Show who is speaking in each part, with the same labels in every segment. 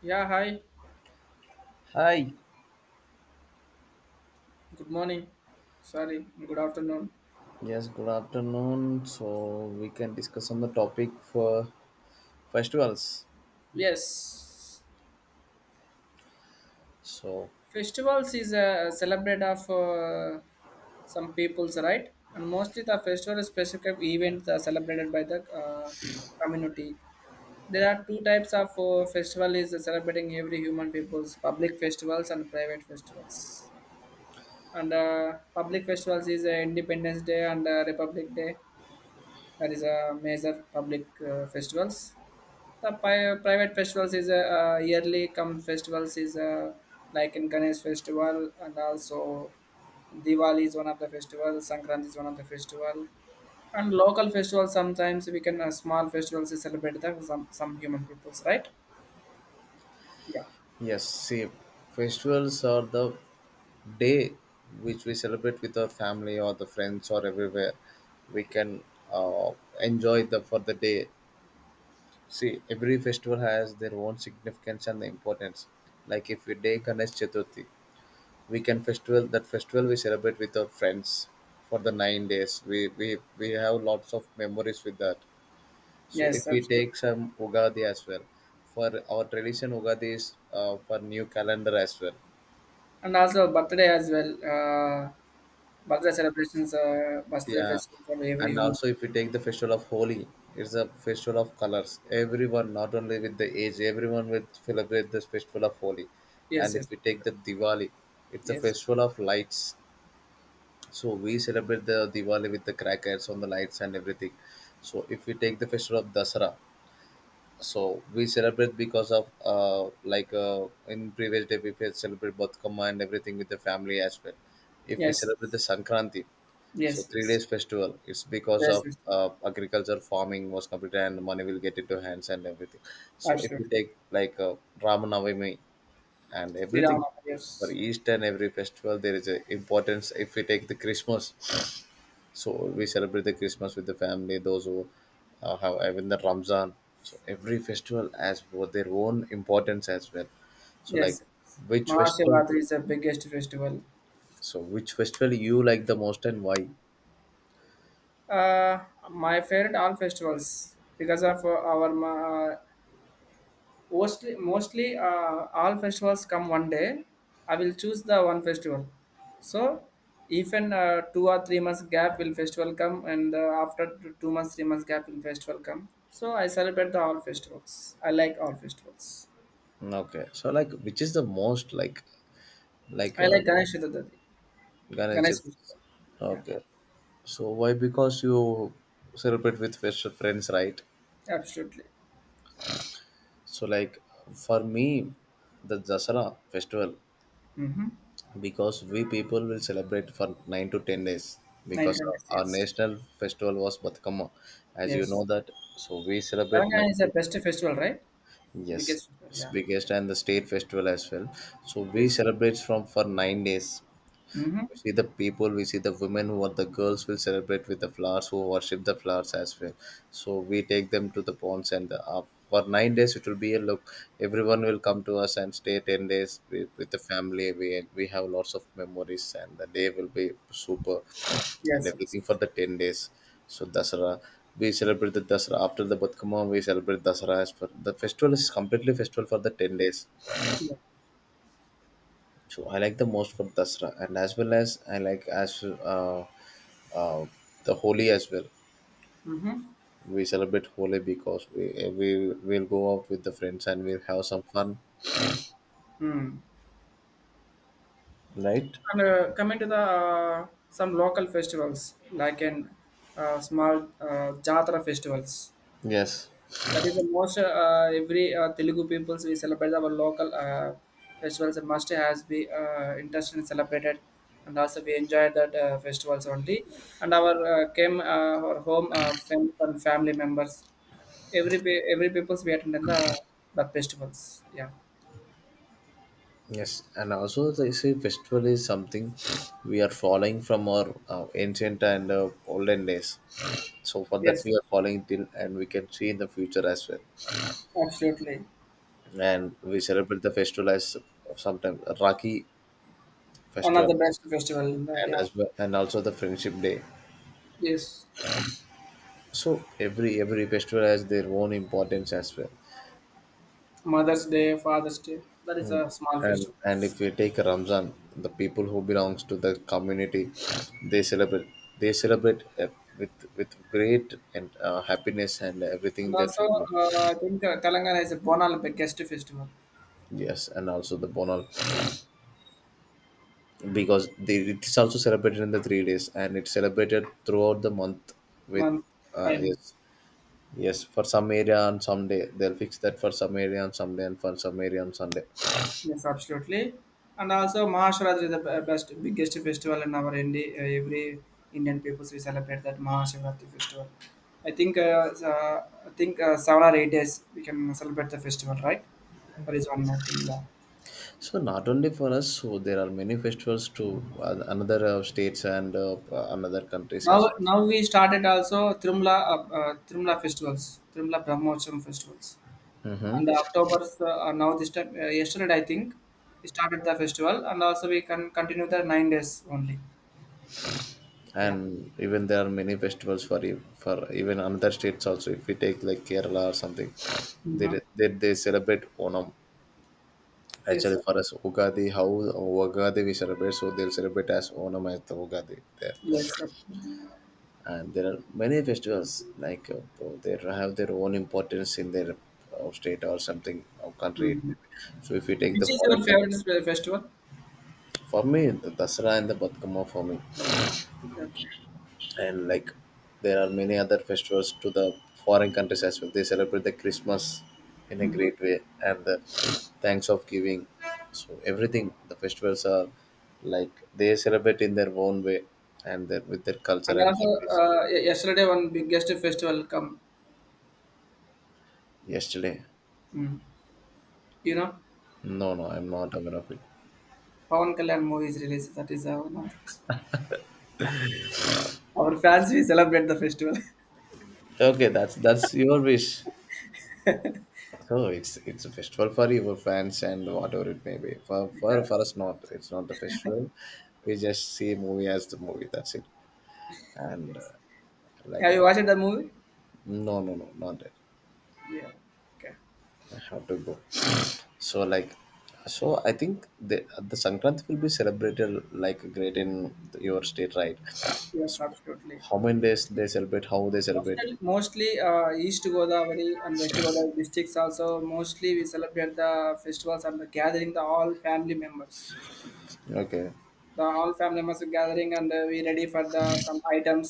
Speaker 1: Yeah, hi.
Speaker 2: Hi,
Speaker 1: Good morning. Sorry, good afternoon.
Speaker 2: yes, good afternoon. So we can discuss on the topic for festivals.
Speaker 1: Yes,
Speaker 2: So
Speaker 1: festivals is a celebrate of some peoples, right? And mostly the festival specific events are celebrated by the community. There are two types of festival is celebrating every human peoples: public festivals and private festivals. And public festivals is Independence Day and Republic Day. That is a major public festivals. The private festivals is a yearly come festivals is a like in Ganesh festival, and also Diwali is one of the festival, Sankranti is one of the festival, and local festivals sometimes we can small festivals to celebrate the some human peoples, right? Yeah.
Speaker 2: yes, see, festivals are the day which we celebrate with our family or the friends or everywhere. We can uh, enjoy the for the day. See, every festival has their own significance and importance. Like if we take Ganesh Chaturthi, we can festival that festival we celebrate with our friends for the 9 days we have lots of memories with that. So if
Speaker 1: Yes,
Speaker 2: we
Speaker 1: absolutely.
Speaker 2: take some Ugadi as well, for our tradition Ugadi is for new calendar as well.
Speaker 1: And also birthday as well. Birthday celebrations, birthday
Speaker 2: Yeah,
Speaker 1: festivals of every
Speaker 2: and
Speaker 1: human.
Speaker 2: also
Speaker 1: being.
Speaker 2: if we take the festival of Holi, it's a festival of colors. Everyone, not only with the age, everyone will celebrate this festival of Holi.
Speaker 1: Yes,
Speaker 2: And
Speaker 1: yes,
Speaker 2: if we take the Diwali, it's a
Speaker 1: yes,
Speaker 2: festival of lights. So we celebrate the Diwali with the crackers on the lights and everything. So if we take the festival of Dasara, so we celebrate because of in previous day we celebrate Batkama and everything with the family as well. If we
Speaker 1: yes,
Speaker 2: celebrate the
Speaker 1: yes,
Speaker 2: Sankranti, so
Speaker 1: yes,
Speaker 2: three
Speaker 1: yes,
Speaker 2: days festival, it's because
Speaker 1: yes,
Speaker 2: of
Speaker 1: yes,
Speaker 2: agriculture farming was completed and money will get into hands and everything. So if we
Speaker 1: absolutely.
Speaker 2: take like Ramanavami and
Speaker 1: Sri Ram,
Speaker 2: everything, for
Speaker 1: yes.
Speaker 2: each and every festival there is a importance. If we take the Christmas, so we celebrate the Christmas with the family, those who have even the Ramzan. So every festival has for their own importance as well. So like,
Speaker 1: Yes,
Speaker 2: which festival?
Speaker 1: Mahashivratri is the biggest festival.
Speaker 2: So which festival you like the most and why?
Speaker 1: Uh, my favorite all festivals because of mostly all festivals come one day. I will choose the one festival. So even two or three months gap will festival come, and two months three months gap will festival come. So I celebrate the all festivals. I like all festivals.
Speaker 2: Okay. So like which is the most, like like
Speaker 1: I like
Speaker 2: uh,
Speaker 1: Ganesh Chaturthi,
Speaker 2: Ganesh?
Speaker 1: Ganesh
Speaker 2: Chaturthi?
Speaker 1: festival. Yeah,
Speaker 2: Okay. So why? Because you celebrate with best friends, right?
Speaker 1: absolutely.
Speaker 2: So like for me, the Dasara festival,
Speaker 1: Mm-hmm.
Speaker 2: because we people will celebrate for 9 to 10 days
Speaker 1: Nine
Speaker 2: because
Speaker 1: hundred
Speaker 2: our
Speaker 1: years.
Speaker 2: national festival was Batkama, as you
Speaker 1: Yes.
Speaker 2: know that, so we celebrate
Speaker 1: Telangana
Speaker 2: 9
Speaker 1: is the
Speaker 2: to,
Speaker 1: best festival, right?
Speaker 2: yes,
Speaker 1: Biggest festival,
Speaker 2: it's
Speaker 1: yeah.
Speaker 2: biggest and the state festival as well, so we
Speaker 1: Yes.
Speaker 2: celebrate from for 9 days.
Speaker 1: Mm-hmm.
Speaker 2: We see the people, we see the women who are the girls will celebrate with the flowers, who worship the flowers as well. So we take them to the ponds and for 9 days it will be a look. Everyone will come to us and stay 10 days with the family. We have lots of memories and the day will be super and
Speaker 1: Yes, yes.
Speaker 2: everything for the 10 days. So Dasara. We celebrate the Dasara after the Batkama. We celebrate Dasara as for the festival is completely festival for the 10 days.
Speaker 1: Yeah.
Speaker 2: So I like the most for Dasara, and as well as I like as uh, the Holi as well. We celebrate Holi because we will go out with the friends and we'll have some fun,
Speaker 1: Mm.
Speaker 2: right?
Speaker 1: And coming to the some local festivals, like in small Jatra festivals.
Speaker 2: Yes,
Speaker 1: That is the most every Telugu peoples we celebrate our local festivals and must has be interested in celebrated, and also we enjoy that festivals only, and our came our home and family members, every peoples we attend in the festivals, yeah.
Speaker 2: yes, and also they say festival is something we are following from our ancient and olden days. So for that
Speaker 1: Yes,
Speaker 2: we are following till, and we can see in the future as well.
Speaker 1: absolutely.
Speaker 2: And we celebrate the festival as sometimes Rakhi
Speaker 1: One of
Speaker 2: festival,
Speaker 1: the best festival in the,
Speaker 2: and
Speaker 1: yeah.
Speaker 2: as well, and also the Friendship Day.
Speaker 1: Yes,
Speaker 2: So every festival has their own importance as well.
Speaker 1: Mother's Day, Father's Day, that is
Speaker 2: Mm.
Speaker 1: a small
Speaker 2: And
Speaker 1: festival.
Speaker 2: and if we take Ramzan, the people who belongs to the community, they celebrate they celebrate with great and happiness and everything
Speaker 1: And
Speaker 2: in their
Speaker 1: also,
Speaker 2: family.
Speaker 1: I think Telangana is a Bonal biggest festival.
Speaker 2: Yes, and also the Bonal, because they, it is also celebrated in the 3 days and it's celebrated throughout the month with,
Speaker 1: Month, and
Speaker 2: yes, yes, for some area on some day they'll fix that, for some area on some day and for some area on Sunday.
Speaker 1: yes, absolutely. And also Mahashivratri is the best, biggest festival in our India. Every Indian people we celebrate that Mahashivratri festival. I think 7 or 8 days we can celebrate the festival, right? That is one more thing. Yeah.
Speaker 2: So not only for us, so there are many festivals to another states and another countries as
Speaker 1: Now
Speaker 2: well.
Speaker 1: now we started also Tirumala festivals, Tirumala Brahmotsavam festivals. And October's now this time yesterday I think we started the festival, and also we can continue the 9 days only. Yeah.
Speaker 2: And even there are many festivals for for even another states also. If we take like Kerala or something, they
Speaker 1: Mm-hmm.
Speaker 2: they celebrate Onam.
Speaker 1: Yes,
Speaker 2: Actually,
Speaker 1: sir.
Speaker 2: for us, Ugadi, how Ugadi we celebrate, so they'll celebrate as Onam as the Ugadi there.
Speaker 1: Yes, sir.
Speaker 2: And there are many festivals like they have their own importance in their state or something or country.
Speaker 1: Hmm.
Speaker 2: So if you take the
Speaker 1: Which is
Speaker 2: foreign
Speaker 1: your
Speaker 2: country.
Speaker 1: favorite festival?
Speaker 2: For me, the Dasara and the Batkama for me.
Speaker 1: Okay, okay.
Speaker 2: And like there are many other festivals to the foreign countries as well. They celebrate the Christmas in a great way and the thanks of giving. So everything, the festivals are like they celebrate in their own way and their, with their
Speaker 1: And
Speaker 2: culture and
Speaker 1: also,
Speaker 2: countries.
Speaker 1: yesterday one biggest festival come.
Speaker 2: Yesterday.
Speaker 1: Mm. You know,
Speaker 2: No, no, I'm not aware of it.
Speaker 1: Pawan Kalyan movie is released. That is our one of the our fans. We celebrate the festival.
Speaker 2: Okay, that's your wish. So it's a festival for your fans and whatever it may be. For for,
Speaker 1: yeah.
Speaker 2: for us, not, it's not a festival. We just see movie as the movie. That's it. And
Speaker 1: Have
Speaker 2: like,
Speaker 1: you watched the movie?
Speaker 2: no, no, no, not that.
Speaker 1: Yeah. Okay.
Speaker 2: I have to go. So like, so I think the Sankranti will be celebrated like great in your state, right? So
Speaker 1: Yes, absolutely.
Speaker 2: how many days they celebrate? How they celebrate?
Speaker 1: Mostly, East Godavari and West Godavari districts also mostly we celebrate the festivals and the gathering the all family members.
Speaker 2: Okay,
Speaker 1: The all family members are gathering, and we ready for the some items,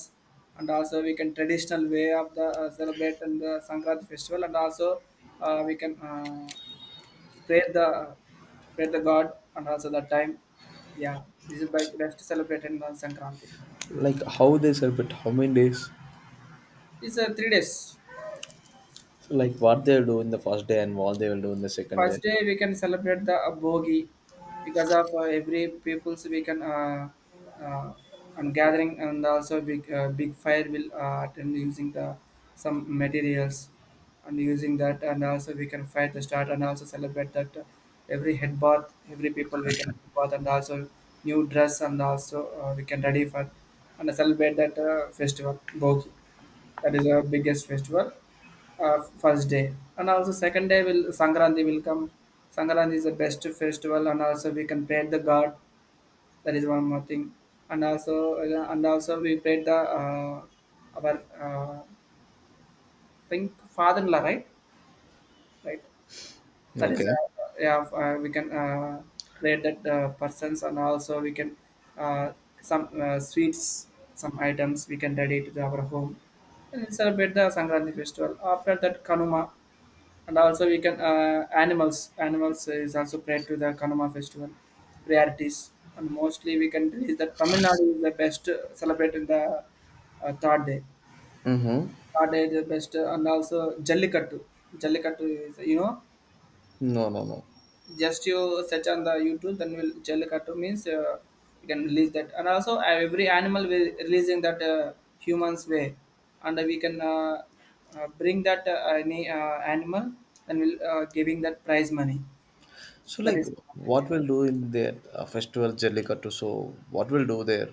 Speaker 1: and also we can traditional way of the celebrate and the Sankranti festival, and also we can pray the pray the God, and also the time, yeah. This is by best celebrated on Sankranti.
Speaker 2: like how they celebrate? How many days?
Speaker 1: It's 3 days.
Speaker 2: So like what they'll do in the first day and what they will do in the second
Speaker 1: First
Speaker 2: day.
Speaker 1: day we can celebrate the bogi, because of every people's we can uh, and gathering, and also big big fire will attend using the some materials, and using that, and also we can fight the start, and also celebrate that every head bath, every people we can head bath, and also new dress, and also we can ready for and celebrate that festival bogi. That is our biggest festival. First day, and also second day will sankranti will come. Sankranti is the best festival, and also we can pray the god. That is one more thing. And also, and also we pray the our uh, think father-in-law, right, right. That is
Speaker 2: Okay.
Speaker 1: yeah, we can pray that persons, and also we can uh, some sweets, some items we can ready to the our home, and we celebrate the sankranti festival. After that kanuma, and also we can animals is also played to the Kanama festival priorities, and mostly we can is that Tamil Nadu is the best celebrate in the third day.
Speaker 2: Mm-hmm.
Speaker 1: Third day is the best and also Jallikattu. Jallikattu, is you know,
Speaker 2: No, no, no.
Speaker 1: just you search on the YouTube. Then will Jallikattu means you can release that, and also every animal will releasing that humans way, and we can bring that any animal, and we'll giving that prize money.
Speaker 2: So,
Speaker 1: That
Speaker 2: like,
Speaker 1: is okay.
Speaker 2: what we'll do in the festival Jallikattu? So, what we'll do there?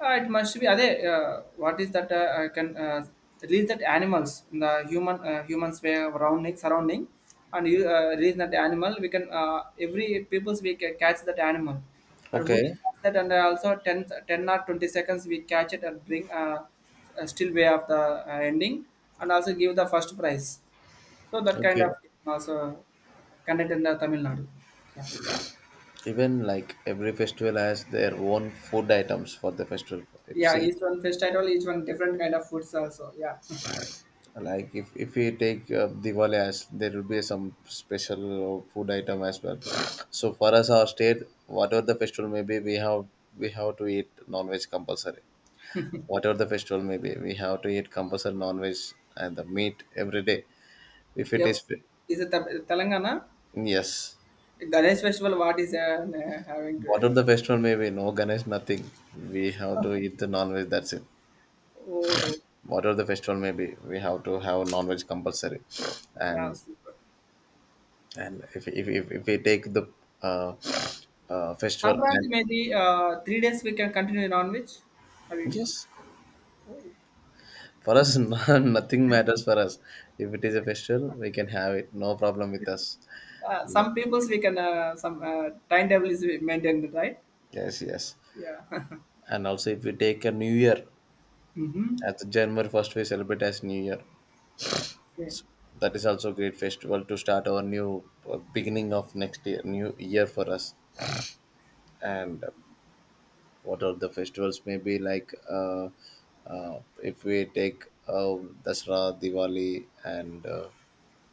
Speaker 1: It must be. Ade, what is that? I can release that animals in the humans way of surrounding, and you release that animal. We can every peoples we can catch that animal, and who will
Speaker 2: Okay,
Speaker 1: catch that, and also 10 or 20 seconds we catch it and bring a still way of the ending, and also give the first prize. So that kind of
Speaker 2: okay.
Speaker 1: also conducted in the Tamil Nadu. Yeah,
Speaker 2: Even like every festival has their own food items for the festival. If
Speaker 1: yeah.
Speaker 2: see,
Speaker 1: Each one fish title, each one different kind of foods also. Yeah.
Speaker 2: like if we take Diwali, as there will be some special food item as well. So for us, our state, whatever the festival may be, we have to eat non-veg compulsory. Whatever the festival may be, we have to eat compulsory non-veg and the meat every day. If it
Speaker 1: Yep.
Speaker 2: is,
Speaker 1: Is it Tam Telangana?
Speaker 2: yes.
Speaker 1: Ganesh festival, what is having to
Speaker 2: what
Speaker 1: you
Speaker 2: are
Speaker 1: know?
Speaker 2: the festival may be, no Ganesh, nothing. We have to eat the non-veg. That's it.
Speaker 1: Oh,
Speaker 2: Whatever the festival may be, we have to have non-veg compulsory.
Speaker 1: yeah,
Speaker 2: And
Speaker 1: super.
Speaker 2: if we take the uh, festival
Speaker 1: Sankranti
Speaker 2: and,
Speaker 1: maybe 3 days we can continue non-veg. Have you eaten?
Speaker 2: yes, for us No- nothing matters for us. If it is a festival, we can have it. No problem with us. Like,
Speaker 1: Some peoples we can some timetable is maintained, right?
Speaker 2: yes, yes.
Speaker 1: Yeah.
Speaker 2: And also, if we take a New Year,
Speaker 1: mm-hmm.
Speaker 2: as January 1st, we celebrate as New Year.
Speaker 1: Yeah.
Speaker 2: That is also a great festival to start our new beginning of next year, new year for us. And what are the festivals? Maybe like if we take Dasra, Diwali, and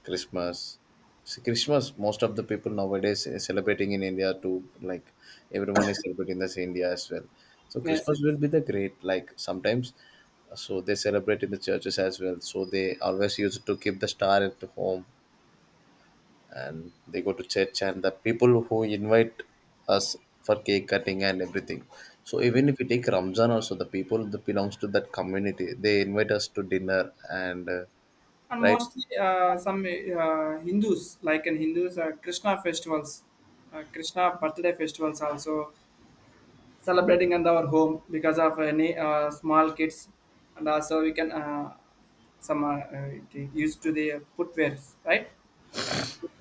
Speaker 2: Christmas. See, Christmas, most of the people nowadays is celebrating in India too. Like everyone is celebrating this India as well. So
Speaker 1: Yes, yes.
Speaker 2: Christmas will be the great. Like sometimes, so they celebrate in the churches as well. So they always use it to keep the star at home, and they go to church and the people who invite us for cake cutting and everything. So even if we take Ramzan also, the people that belongs to that community, they invite us to dinner and
Speaker 1: And
Speaker 2: right,
Speaker 1: mostly some Hindus, like in Hindus, Krishna festivals, Krishna birthday festivals also, celebrating in our home because of any small kids, and also we can some used to the footwears, right.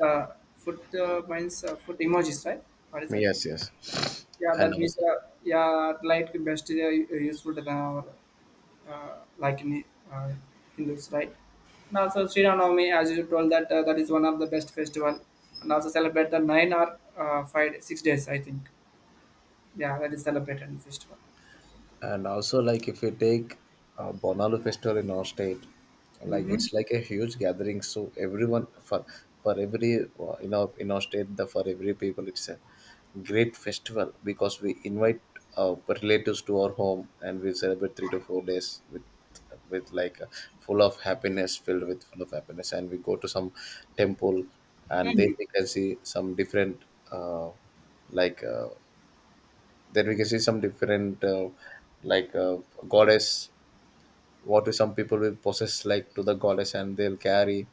Speaker 1: uh, foot means foot emojis, right, what is that?
Speaker 2: yes, yes.
Speaker 1: Yeah,
Speaker 2: And
Speaker 1: that means
Speaker 2: also,
Speaker 1: yeah light could best useful than our like in uh, hindus, right. And also Sri Navami, as you told that that is one of the best festival, and also celebrate the nine or 5, 6 days, I think. Yeah, that is celebrated in festival.
Speaker 2: and also, like if you take Bonalu festival in our state, like
Speaker 1: Mm-hmm.
Speaker 2: it's like a huge gathering. So everyone for every in our state, the for every people, it's a great festival because we invite uh, relatives to our home and we celebrate 3 to 4 days with like full of happiness, filled with full of happiness, and we go to some temple and then we can see some different uh, like. Then we can see some different, like goddess. What some people will possess, like to the goddess, and they'll carry,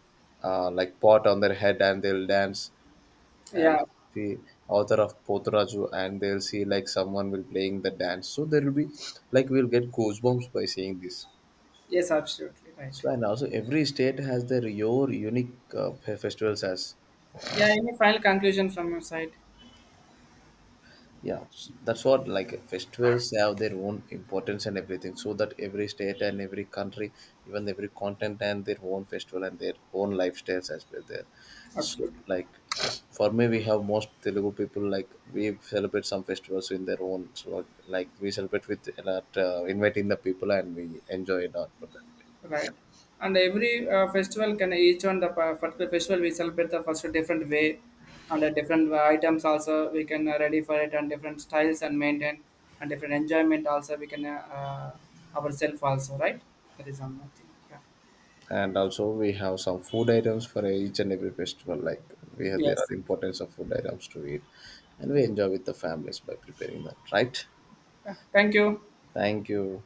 Speaker 2: like, pot on their head, and they'll dance. And
Speaker 1: Yeah.
Speaker 2: the author of Potraju, and they'll see like someone will playing the dance. So there will be, like we'll get goosebumps by seeing this.
Speaker 1: Yes, absolutely right.
Speaker 2: So and also every state has their your unique festivals as,
Speaker 1: Yeah, any final conclusion from your side?
Speaker 2: yeah, that's what, like festivals have their own importance and everything, so that every state and every country, even every continent and their own festival and their own lifestyles as well there. So
Speaker 1: Absolutely
Speaker 2: like for me, we have most Telugu people, like we celebrate some festivals in their own, so like we celebrate with a lot, inviting the people, and we enjoy it out for that.
Speaker 1: right. And every festival can each one the particular festival we celebrate the first different way, and different items also we can ready for it, and different styles and maintain, and different enjoyment also we can ourselves also, right. That is one more thing. Yeah.
Speaker 2: And also we have some food items for each and every festival, like we have, there
Speaker 1: Yes.
Speaker 2: are importance of food items to eat, and we enjoy with the families by preparing that, right?
Speaker 1: Yeah. Thank you.
Speaker 2: Thank you.